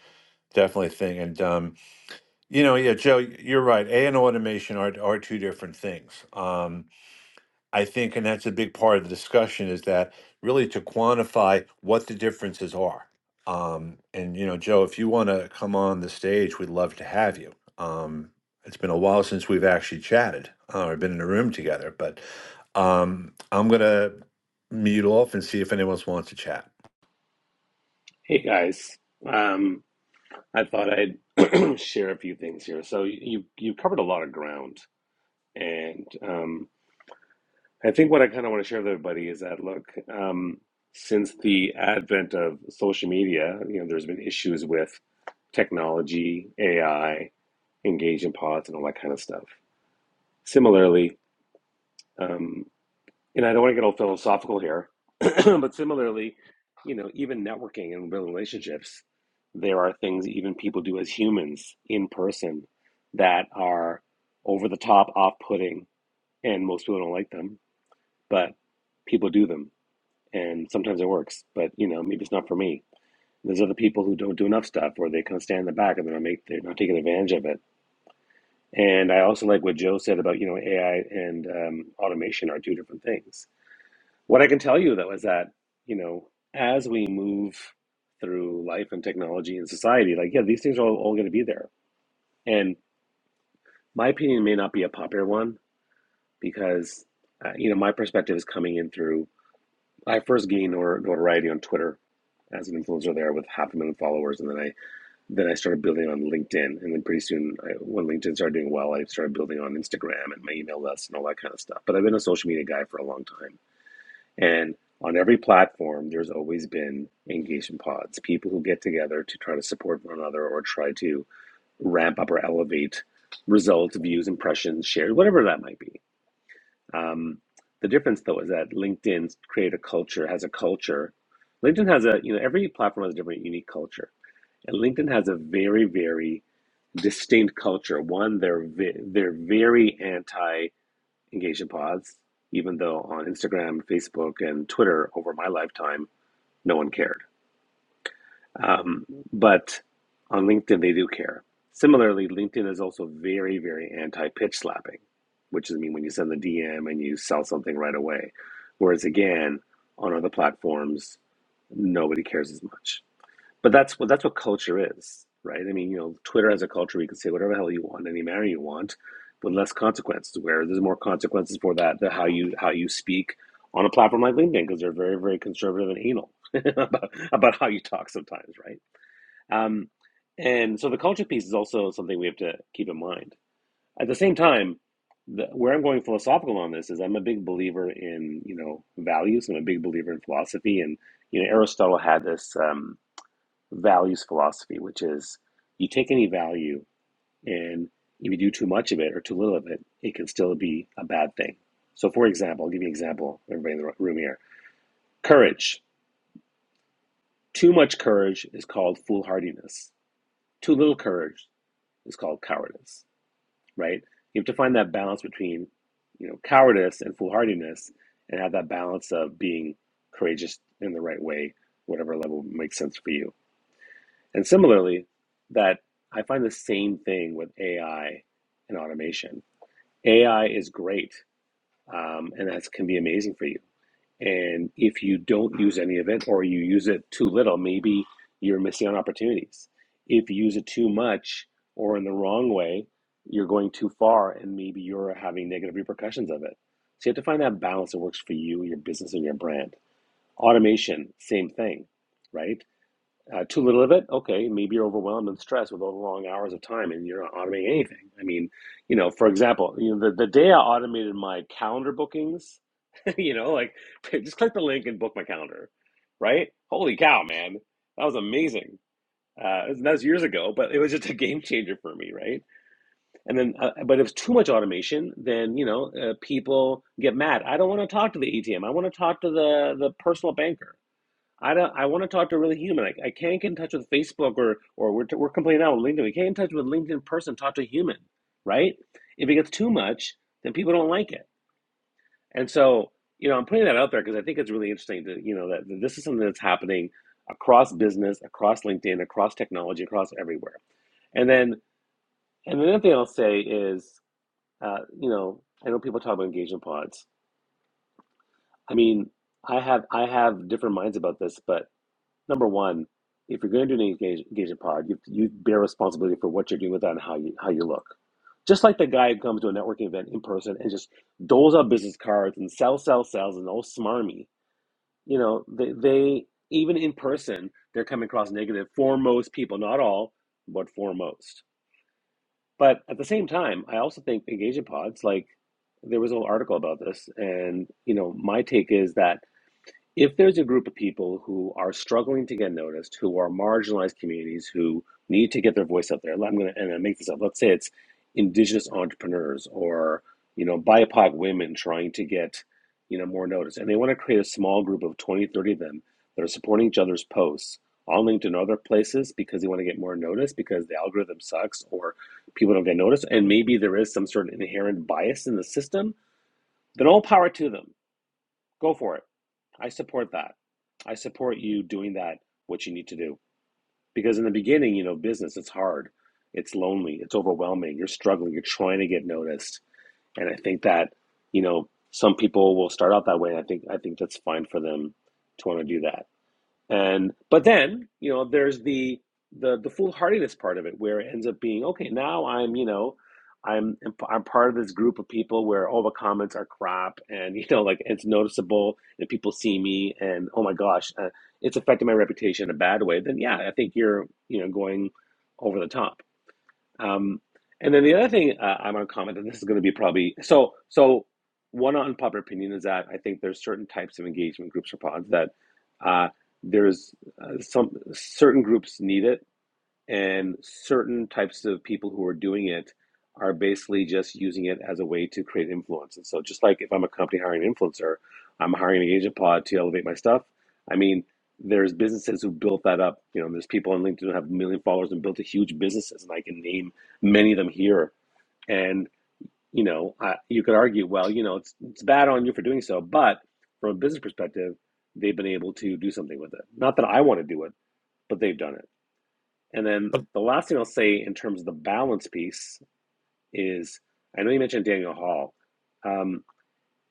definitely think. And um, you know, yeah, Joe, you're right. A and automation are are two different things. Um, I think, and that's a big part of the discussion, is that really to quantify what the differences are. Um, and you know, Joe, if you want to come on the stage, we'd love to have you. Um, it's been a while since we've actually chatted uh, or been in a room together, but um, I'm gonna mute off and see if anyone else wants to chat. hey guys. Um, I thought I'd share a few things here. So you you covered a lot of ground, and um, I think what I kind of want to share with everybody is that look, um, since the advent of social media, you know, there's been issues with technology, AI, engagement pods, and all that kind of stuff. Similarly. um, and I don't want to get all philosophical here, but similarly, you know, even networking and relationships, there are things even people do as humans in person that are over the top, off putting, and most people don't like them, but people do them. And sometimes it works, but you know, maybe it's not for me. There's other people who don't do enough stuff, or they kind of stand in the back and they're not make they're not taking advantage of it. And I also like what Joe said about you know AI and um, automation are two different things what I can tell you though is that, you know, as we move through life and technology and society, like, yeah, these things are all, all going to be there. And my opinion may not be a popular one because, uh, you know, my perspective is coming in through, I first gained nor- notoriety on Twitter as an influencer there with half a million followers. And then I, then I started building on LinkedIn. And then pretty soon I, when LinkedIn started doing well, I started building on Instagram and my email list and all that kind of stuff. But I've been a social media guy for a long time. And on every platform, there's always been engagement pods, people who get together to try to support one another or try to ramp up or elevate results, views, impressions, shares, whatever that might be. Um, the difference, though, is that LinkedIn create a culture has a culture. LinkedIn has a you know every platform has a different unique culture, and LinkedIn has a very very distinct culture. One, they're ve- they're very anti Engagement pods, even though on Instagram, Facebook, and Twitter over my lifetime, no one cared. Um, but on LinkedIn, they do care. Similarly, LinkedIn is also very, very anti pitch slapping, which is I mean when you send the DM and you sell something right away. Whereas again, on other platforms, nobody cares as much. But that's what that's what culture is, right? I mean, you know, Twitter has a culture where you can say whatever the hell you want, any manner you want, with less consequences. Where there's more consequences for that, the how you how you speak on a platform like LinkedIn, because they're very very conservative and anal about, about how you talk sometimes, right? Um, and so the culture piece is also something we have to keep in mind. At the same time, the, where I'm going philosophical on this is I'm a big believer in you know values. I'm a big believer in philosophy, and you know Aristotle had this. Um, values philosophy, which is you take any value and if you do too much of it or too little of it, it can still be a bad thing. So, for example, I'll give you an example, everybody in the room here. Courage. Too much courage is called foolhardiness. Too little courage is called cowardice, right? You have to find that balance between, you know, cowardice and foolhardiness and have that balance of being courageous in the right way, whatever level makes sense for you. And similarly, that I find the same thing with AI and automation. AI is great, um, and that can be amazing for you. And if you don't use any of it, or you use it too little, maybe you're missing out on opportunities. If you use it too much or in the wrong way, you're going too far, and maybe you're having negative repercussions of it. So you have to find that balance that works for you, your business, and your brand. Automation, same thing, right? Uh, too little of it, okay, maybe you're overwhelmed and stressed with all the long hours of time and you're not automating anything. I mean, you know, for example, you know, the, the day I automated my calendar bookings, you know, like just click the link and book my calendar, right? Holy cow, man. That was amazing. Uh, that was years ago, but it was just a game changer for me, right? And then, uh, but if it's too much automation, then, you know, uh, people get mad. I don't want to talk to the ATM. I want to talk to the, the personal banker I don't, I want to talk to a really human. I, I can't get in touch with Facebook or or we're, we're complaining now with LinkedIn. We can't get in touch with LinkedIn person. Talk to a human, right? If it gets too much, then people don't like it. And so, you know, I'm putting that out there because I think it's really interesting to you know that, that this is something that's happening across business, across LinkedIn, across technology, across everywhere. And then and the other thing I'll say is, uh, you know, I know people talk about engagement pods. I mean, I have I have different minds about this, but number one, if you're going to do an engage, engagement pod, you, you bear responsibility for what you're doing with that and how you how you look. Just like the guy who comes to a networking event in person and just doles out business cards and sell, sell, sells and all smarmy. You know, they, they even in person they're coming across negative for most people, not all, but for most. But at the same time, I also think engagement pods like there was a whole article about this, and you know, my take is that if there's a group of people who are struggling to get noticed, who are marginalized communities, who need to get their voice out there, I'm gonna and I make this up. Let's say it's indigenous entrepreneurs or you know BIPOC women trying to get you know more notice, and they want to create a small group of 20, 30 of them that are supporting each other's posts on LinkedIn and other places because they want to get more notice because the algorithm sucks or people don't get noticed, and maybe there is some sort of inherent bias in the system. Then all power to them Go for it. I support that. I support you doing that, what you need to do. Because in the beginning, you know, business, it's hard, it's lonely, it's overwhelming, you're struggling, you're trying to get noticed. And I think that, you know, some people will start out that way. And I think I think that's fine for them to want to do that. And but then, you know, there's the the the foolhardiness part of it where it ends up being, okay, now I'm, you know, I'm I'm part of this group of people where all the comments are crap and you know like it's noticeable and people see me and oh my gosh, uh, it's affected my reputation in a bad way. Then yeah, I think you're, you know, going over the top. Um, and then the other thing uh, I'm gonna comment, and this is gonna be probably so. So one unpopular opinion is that I think there's certain types of engagement groups or pods that uh, there's uh, some certain groups need it and certain types of people who are doing it are basically just using it as a way to create influence. And so, just like if I'm a company hiring an influencer, I'm hiring an agent pod to elevate my stuff. I mean, there's businesses who built that up. You know, there's people on LinkedIn who have a million followers and built a huge businesses, and I can name many of them here. And you know, I, you could argue, well, you know, it's it's bad on you for doing so, but from a business perspective, they've been able to do something with it. Not that I want to do it, but they've done it. And then the last thing I'll say in terms of the balance piece is I know you mentioned Daniel Hall. Um,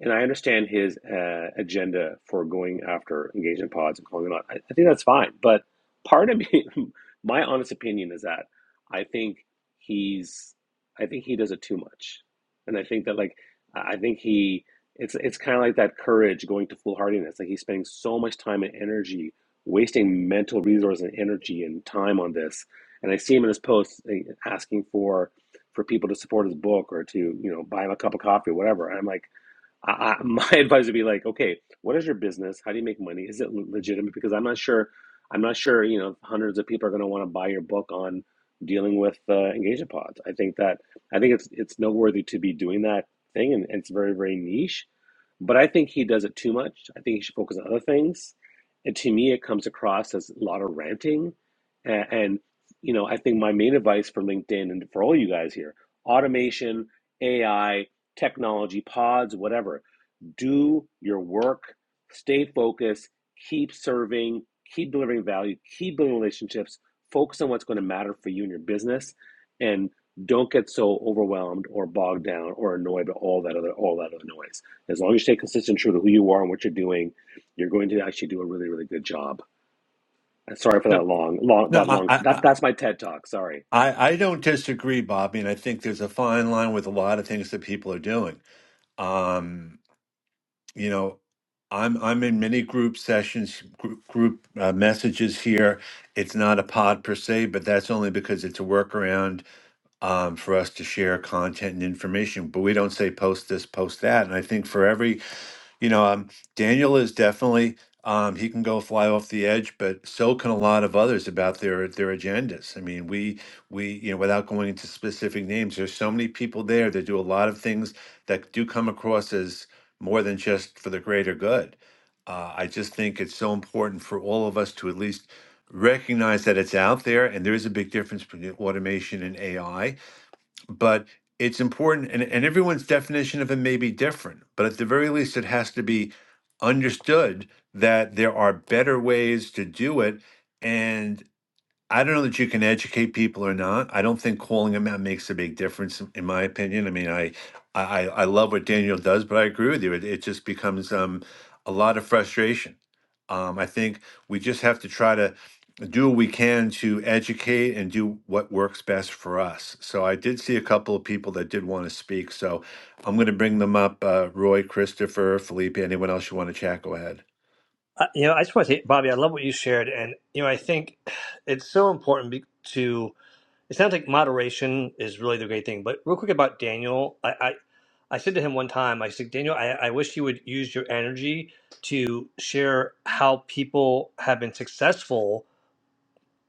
and I understand his uh, agenda for going after engagement pods and calling them out. I, I think that's fine. But part of me, my honest opinion is that I think he's, I think he does it too much. And I think that, like, I think he, it's, it's kind of like that courage going to foolhardiness. Like, he's spending so much time and energy, wasting mental resource and energy and time on this. And I see him in his posts eh, asking for, for people to support his book or to, you know, buy him a cup of coffee or whatever. And I'm like, I, I, my advice would be like, okay, what is your business? How do you make money? Is it legitimate? Because I'm not sure. I'm not sure. You know, hundreds of people are going to want to buy your book on dealing with uh, engagement pods. I think that I think it's it's noteworthy to be doing that thing, and, and it's very very niche. But I think he does it too much. I think he should focus on other things. And to me, it comes across as a lot of ranting. And, and you know, I think my main advice for LinkedIn and for all you guys here, automation, AI technology pods, whatever. Do your work, stay focused, keep serving, keep delivering value, keep building relationships, focus on what's going to matter for you and your business, and don't get so overwhelmed or bogged down or annoyed by all that other all that other noise. As long as you stay consistent, true to who you are and what you're doing, you're going to actually do a really really good job. Sorry for that Yep. long long No, that I, long. I, That's I that's my TED talk. Sorry. I I don't disagree, Bobby, and I think there's a fine line with a lot of things that people are doing. Um, you know i'm i'm in many group sessions group, group uh, messages here it's not a pod per se but that's only because it's a workaround um, for us to share content and information but we don't say post this post that and i think for every you know, um, Daniel is definitely um, he can go fly off the edge, but so can a lot of others about their their agendas. I mean, we we you know, without going into specific names, there's so many people there that do a lot of things that do come across as more than just for the greater good. Uh, I just think it's so important for all of us to at least recognize that it's out there, and there is a big difference between automation and AI but it's important and, and everyone's definition of it may be different but at the very least it has to be understood that there are better ways to do it and. I don't know that you can educate people or not. I don't think calling them out makes a big difference, in in my opinion. I mean, I I, I I love what Daniel does, but I agree with you. It, it just becomes um, a lot of frustration. Um, I think we just have to try to do what we can to educate and do what works best for us. So I did see a couple of people that did want to speak. So I'm going to bring them up. Uh, Roy, Christopher, Felipe, anyone else you want to chat, go ahead. I, you know, I just want to say, Bobby, I love what you shared, and you know, I think it's so important be- to. It sounds like moderation is really the great thing. But real quick about Daniel, I, I, I said to him one time, I said, Daniel, I, I wish you would use your energy to share how people have been successful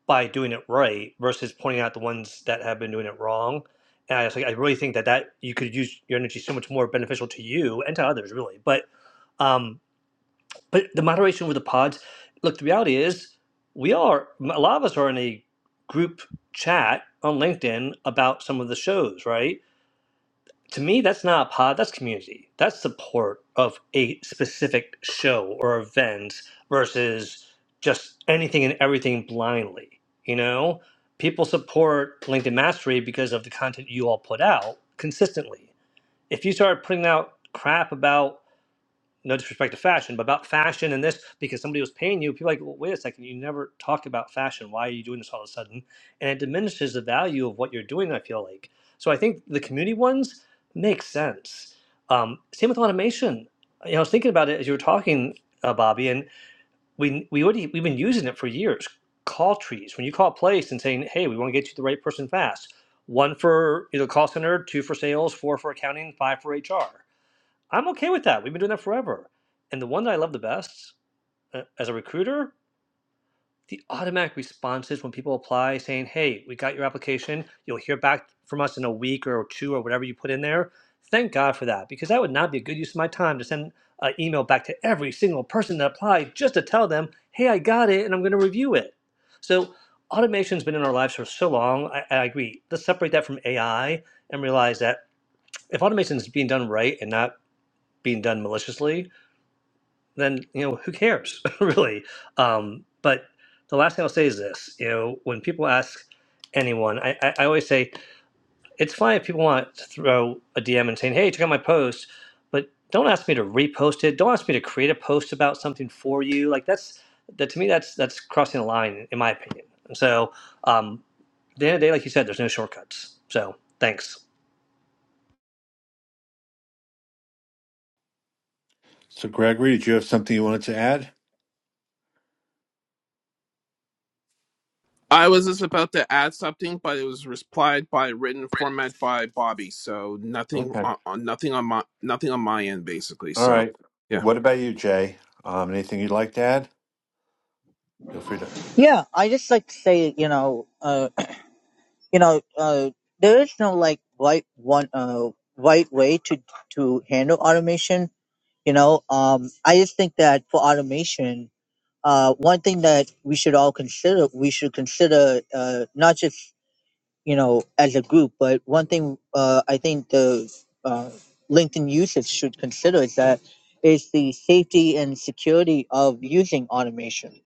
by doing it right versus pointing out the ones that have been doing it wrong. And I was like, I really think that that you could use your energy so much more beneficial to you and to others, really. But um. But the moderation with the pods, look, the reality is we are, a lot of us are in a group chat on LinkedIn about some of the shows, right? To me, that's not a pod, that's community. That's support of a specific show or event versus just anything and everything blindly. You know, people support LinkedIn Mastery because of the content you all put out consistently. If you start putting out crap about no disrespect to fashion, but about fashion and this because somebody was paying you. People are like, well, wait a second, you never talked about fashion. Why are you doing this all of a sudden? And it diminishes the value of what you're doing. I feel like so. I think the community ones make sense. Um, same with automation. You know, I was thinking about it as you were talking, uh, Bobby, and we we already we've been using it for years. Call trees when you call a place and saying, hey, we want to get you the right person fast. One for you know call center, two for sales, four for accounting, five for HR I'm okay with that. We've been doing that forever. And the one that I love the best uh, as a recruiter, the automatic responses when people apply saying, hey, we got your application. You'll hear back from us in a week or two or whatever you put in there. Thank God for that because that would not be a good use of my time to send an email back to every single person that applied just to tell them, hey, I got it and I'm going to review it. So automation's been in our lives for so long. I, I agree. Let's separate that from AI and realize that if automation is being done right and not being done maliciously, then you know who cares really um, but the last thing i'll say is this you know when people ask anyone I, I, I always say it's fine if people want to throw a dm and saying hey check out my post but don't ask me to repost it don't ask me to create a post about something for you like that's that to me that's that's crossing a line in my opinion and so um, at the end of the day like you said there's no shortcuts so thanks So Gregory, did you have something you wanted to add? I was just about to add something, but it was replied by written format by Bobby, so nothing on on- nothing on my nothing on my end basically. All So right. yeah. What about you, Jay? Um, anything you'd like to add? Feel free to. Yeah, I just like to say, you know, uh, you know, uh, there is no like right one, uh, right way to to handle automation. You know, um, I just think that for automation, uh, one thing that we should all consider, we should consider, uh, not just you know as a group, but one thing, uh, I think the uh, LinkedIn users should consider is that is the safety and security of using automation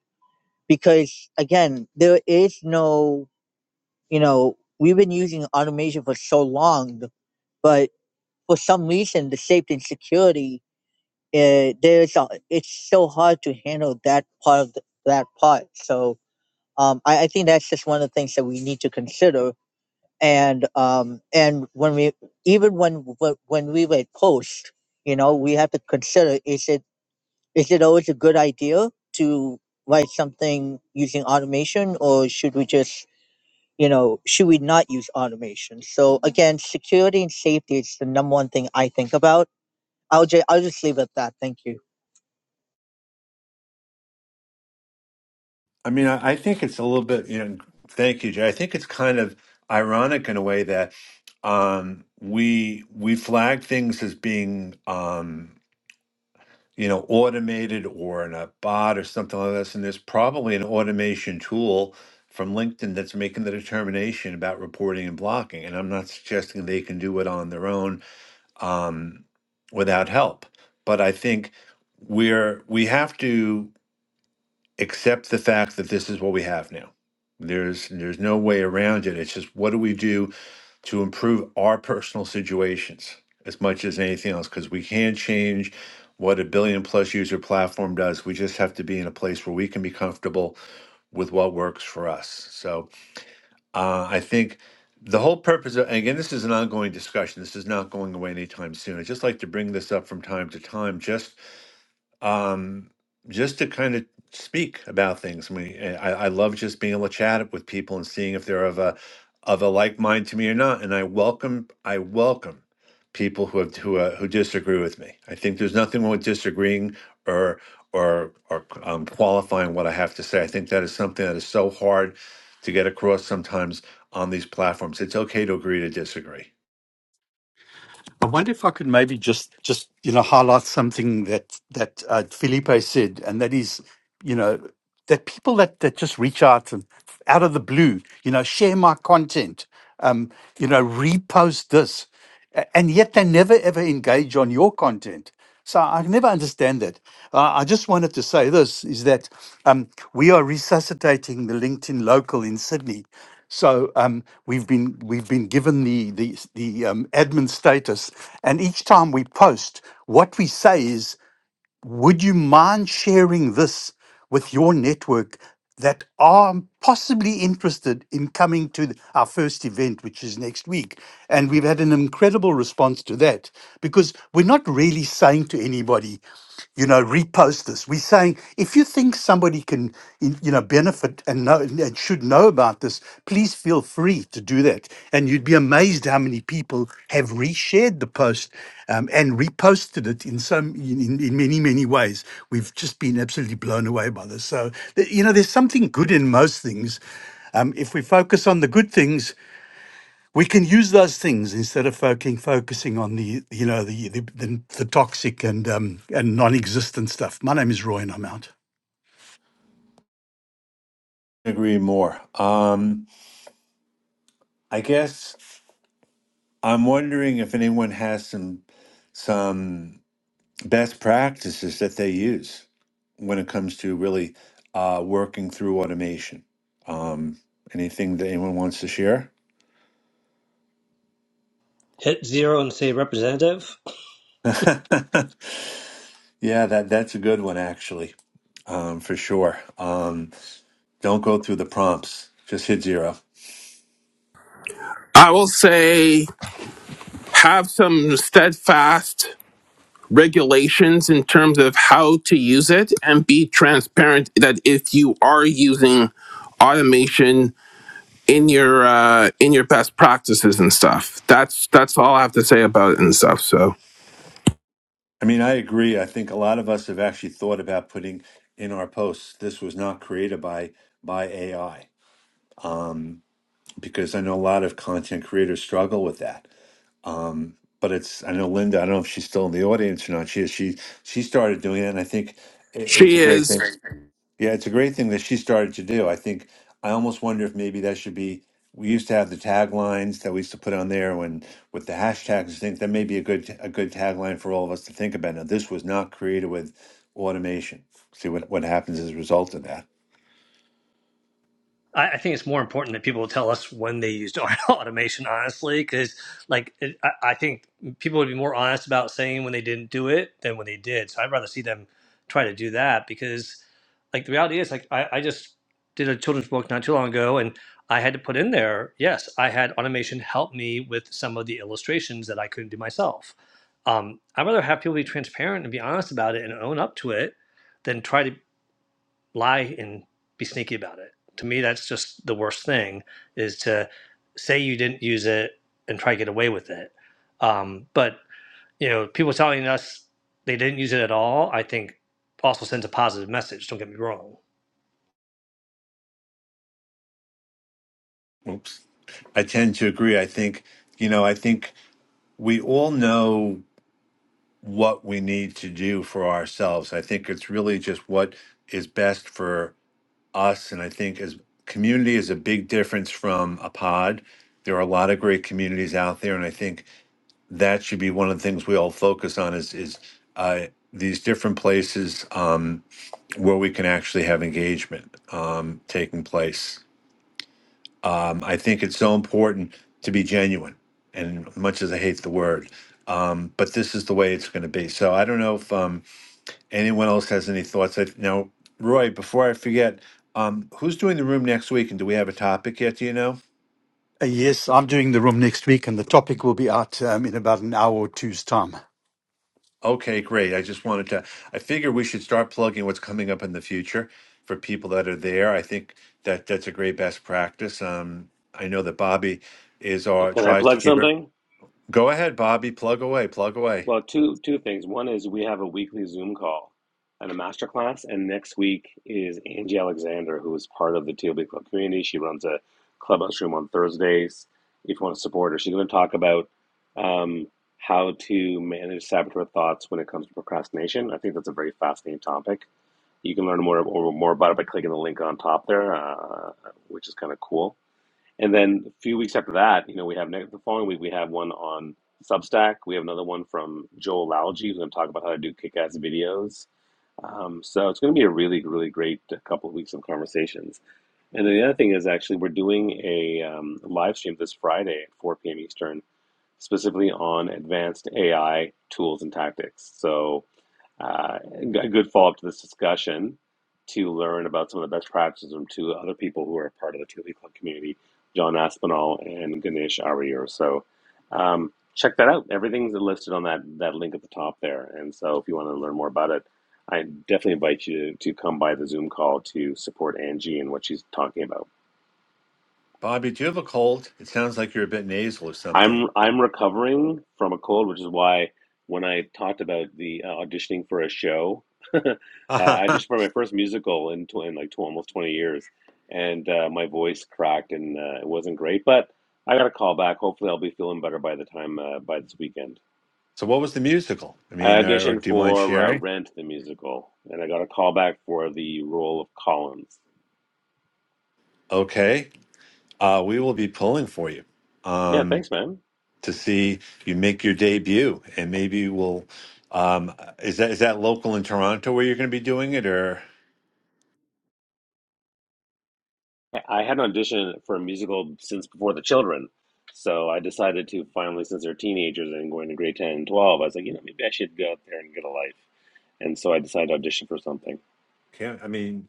because again there is no you know, we've been using automation for so long, but for some reason, the safety and security, uh, there's a, it's so hard to handle that part of the, that part. So um, I, I think that's just one of the things that we need to consider. And um, and when we even when w- when we write post, you know, we have to consider is it is it always a good idea to write something using automation, or should we just you know, should we not use automation? So again, security and safety is the number one thing I think about. I'll just, I'll just leave it at that. Thank you. I mean, I, I think it's a little bit, you know, thank you, Jay. I think it's kind of ironic in a way that um, we we flag things as being, um, you know, automated or in a bot or something like this. And there's probably an automation tool from LinkedIn that's making the determination about reporting and blocking. And I'm not suggesting they can do it on their own um, without help. But I think we're we have to accept the fact that this is what we have now. There's there's no way around it. It's just what do we do to improve our personal situations as much as anything else? Because we can't change what a billion plus user platform does. We just have to be in a place where we can be comfortable with what works for us. So uh, I think the whole purpose of, and again, this is an ongoing discussion. This is not going away anytime soon. I just like to bring this up from time to time, just um, just to kind of speak about things. I mean, eh, I, I love just being able to chat with people and seeing if they're of a of a like mind to me or not. And I welcome I welcome people who have who uh, who disagree with me. I think there's nothing wrong with disagreeing or or or um, qualifying what I have to say. I think that is something that is so hard to get across sometimes on these platforms. It's okay to agree to disagree. I wonder if I could maybe just, just you know, highlight something that that uh, Felipe said, and that is, you know, that people that, that just reach out and out of the blue, you know, share my content, um, you know, repost this, a- and yet they never ever engage on your content. So I can never understand that. Uh, I just wanted to say this is that um, we are resuscitating the LinkedIn local in Sydney. So um, we've been we've been given the the the um, admin status, and each time we post, what we say is would you mind sharing this with your network that are possibly interested in coming to th- our first event, which is next week? And we've had an incredible response to that because we're not really saying to anybody, you know, repost this. We're saying if you think somebody can, in- you know, benefit and know and should know about this, please feel free to do that. And you'd be amazed how many people have reshared the post um, and reposted it in some in, in in many many ways. We've just been absolutely blown away by this. So th- you know, there's something good in most things. Um, if we focus on the good things, we can use those things instead of fucking focusing on the you know the the, the, the toxic and um, and non-existent stuff. My name is Roy, and I'm out. Agree more. Um, I guess I'm wondering if anyone has some some best practices that they use when it comes to really uh, working through automation. Um, anything that anyone wants to share? hit zero and say representative yeah, that that's a good one actually, um, for sure. Um, don't go through the prompts; just hit zero. I will say have some steadfast regulations in terms of how to use it and be transparent that if you are using automation in your uh in your best practices and stuff. That's that's all I have to say about it and stuff. So I mean, I agree. I think a lot of us have actually thought about putting in our posts. This was not created by by AI. Um, because I know a lot of content creators struggle with that. Um, but it's I know Linda. I don't know if she's still in the audience or not. She is. She she started doing it, and I think i- it's she a great is thing. Yeah, it's a great thing that she started to do. I think I almost wonder if maybe that should be. We used to have the taglines that we used to put on there when with the hashtags. and things. that may be a good a good tagline for all of us to think about. Now, this was not created with automation. See what what happens as a result of that. I, I think it's more important that people tell us when they used automation, honestly, because like it, I, I think people would be more honest about saying when they didn't do it than when they did. So I'd rather see them try to do that because like the reality is like I, I just did a children's book not too long ago and I had to put in there, yes, I had automation help me with some of the illustrations that I couldn't do myself. Um, I'd rather have people be transparent and be honest about it and own up to it than try to lie and be sneaky about it. To me, that's just the worst thing is to say you didn't use it and try to get away with it. Um, but you know, people telling us they didn't use it at all, I think also sends a positive message. Don't get me wrong. Oops. I tend to agree. I think you know. I think we all know what we need to do for ourselves. I think it's really just what is best for us. And I think as community is a big difference from a pod. There are a lot of great communities out there, and I think that should be one of the things we all focus on is is uh, these different places um, where we can actually have engagement um, taking place. Um, I think it's so important to be genuine, and much as I hate the word, um, but this is the way it's going to be. So I don't know if um, anyone else has any thoughts. I, now, Roy, before I forget, um, who's doing the room next week, and do we have a topic yet? Do you know? Uh, yes, I'm doing the room next week, and the topic will be out um, in about an hour or two's time. Okay, great. I just wanted to. I figure we should start plugging what's coming up in the future for people that are there. I think that that's a great best practice. Um, I know that Bobby is or Can I tries to plug keep it. something? Go ahead, Bobby. Plug away. Plug away. Well, two two things. One is we have a weekly Zoom call and a masterclass, and next week is Angie Alexander, who is part of the TLB Club community. She runs a clubhouse room on Thursdays. If you want to support her, she's going to talk about um, how to manage saboteur thoughts when it comes to procrastination. I think that's a very fascinating topic. You can learn more more about it by clicking the link on top there, uh, which is kind of cool. And then a few weeks after that, you know, we have next, the following week, we have one on Substack. We have another one from Joel Alge, who's going to talk about how to do kick ass videos. Um, so it's going to be a really, really great couple of weeks of conversations. And then the other thing is actually, we're doing a um, live stream this Friday at 4 p.m. Eastern, specifically on advanced AI tools and tactics. So uh, a good follow up to this discussion to learn about some of the best practices from two other people who are part of the Thule Club community, John Aspinall and Ganesh Arier. So um, check that out. Everything's listed on that, that link at the top there. And so if you want to learn more about it, I definitely invite you to come by the Zoom call to support Angie and what she's talking about. Bobby, do you have a cold? It sounds like you're a bit nasal or something. I'm I'm recovering from a cold, which is why when I talked about the uh, auditioning for a show, uh, I so, auditioned for my first musical in, tw in like tw almost 20 years, and uh, my voice cracked and uh, it wasn't great. But I got a call back. Hopefully, I'll be feeling better by the time uh, by this weekend. what was the musical? I I mean, or, or auditioned do you mind for uh, sharing? Rent the musical, and I got a call back for the role of Collins. Okay, uh, we will be pulling for you Yeah, um, thanks, man. to see you make your debut, and maybe we'll. Um, is that is that local in Toronto where you're going to be doing it, or I had an audition for a musical since before the children. So I decided to finally, since they're teenagers and going to grade 10 and 12, I was like, you know, maybe I should go out there and get a life. And so I decided to audition for something. can not I mean,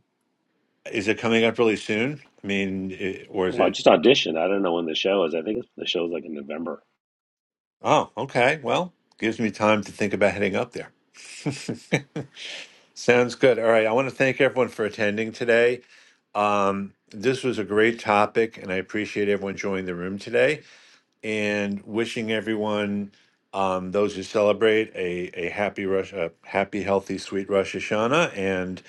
is it coming up really soon? I mean, it, or is Well, I it? just auditioned. I don't know when the show is. I think the show's like in November. Oh, okay. Well, gives me time to think about heading up there. Sounds good. All right, I want to thank everyone for attending today. Um, this was a great topic, and I appreciate everyone joining the room today. And wishing everyone, um, those who celebrate, a a happy Rosh, a happy, healthy, sweet Rosh Hashanah. And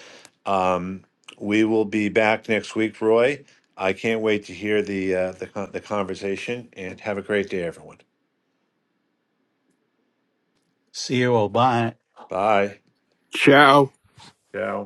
um, we will be back next week, Roy. I can't wait to hear the uh, the con- the conversation. And have a great day, everyone. See you all. Bye. Bye. ciao. Ciao.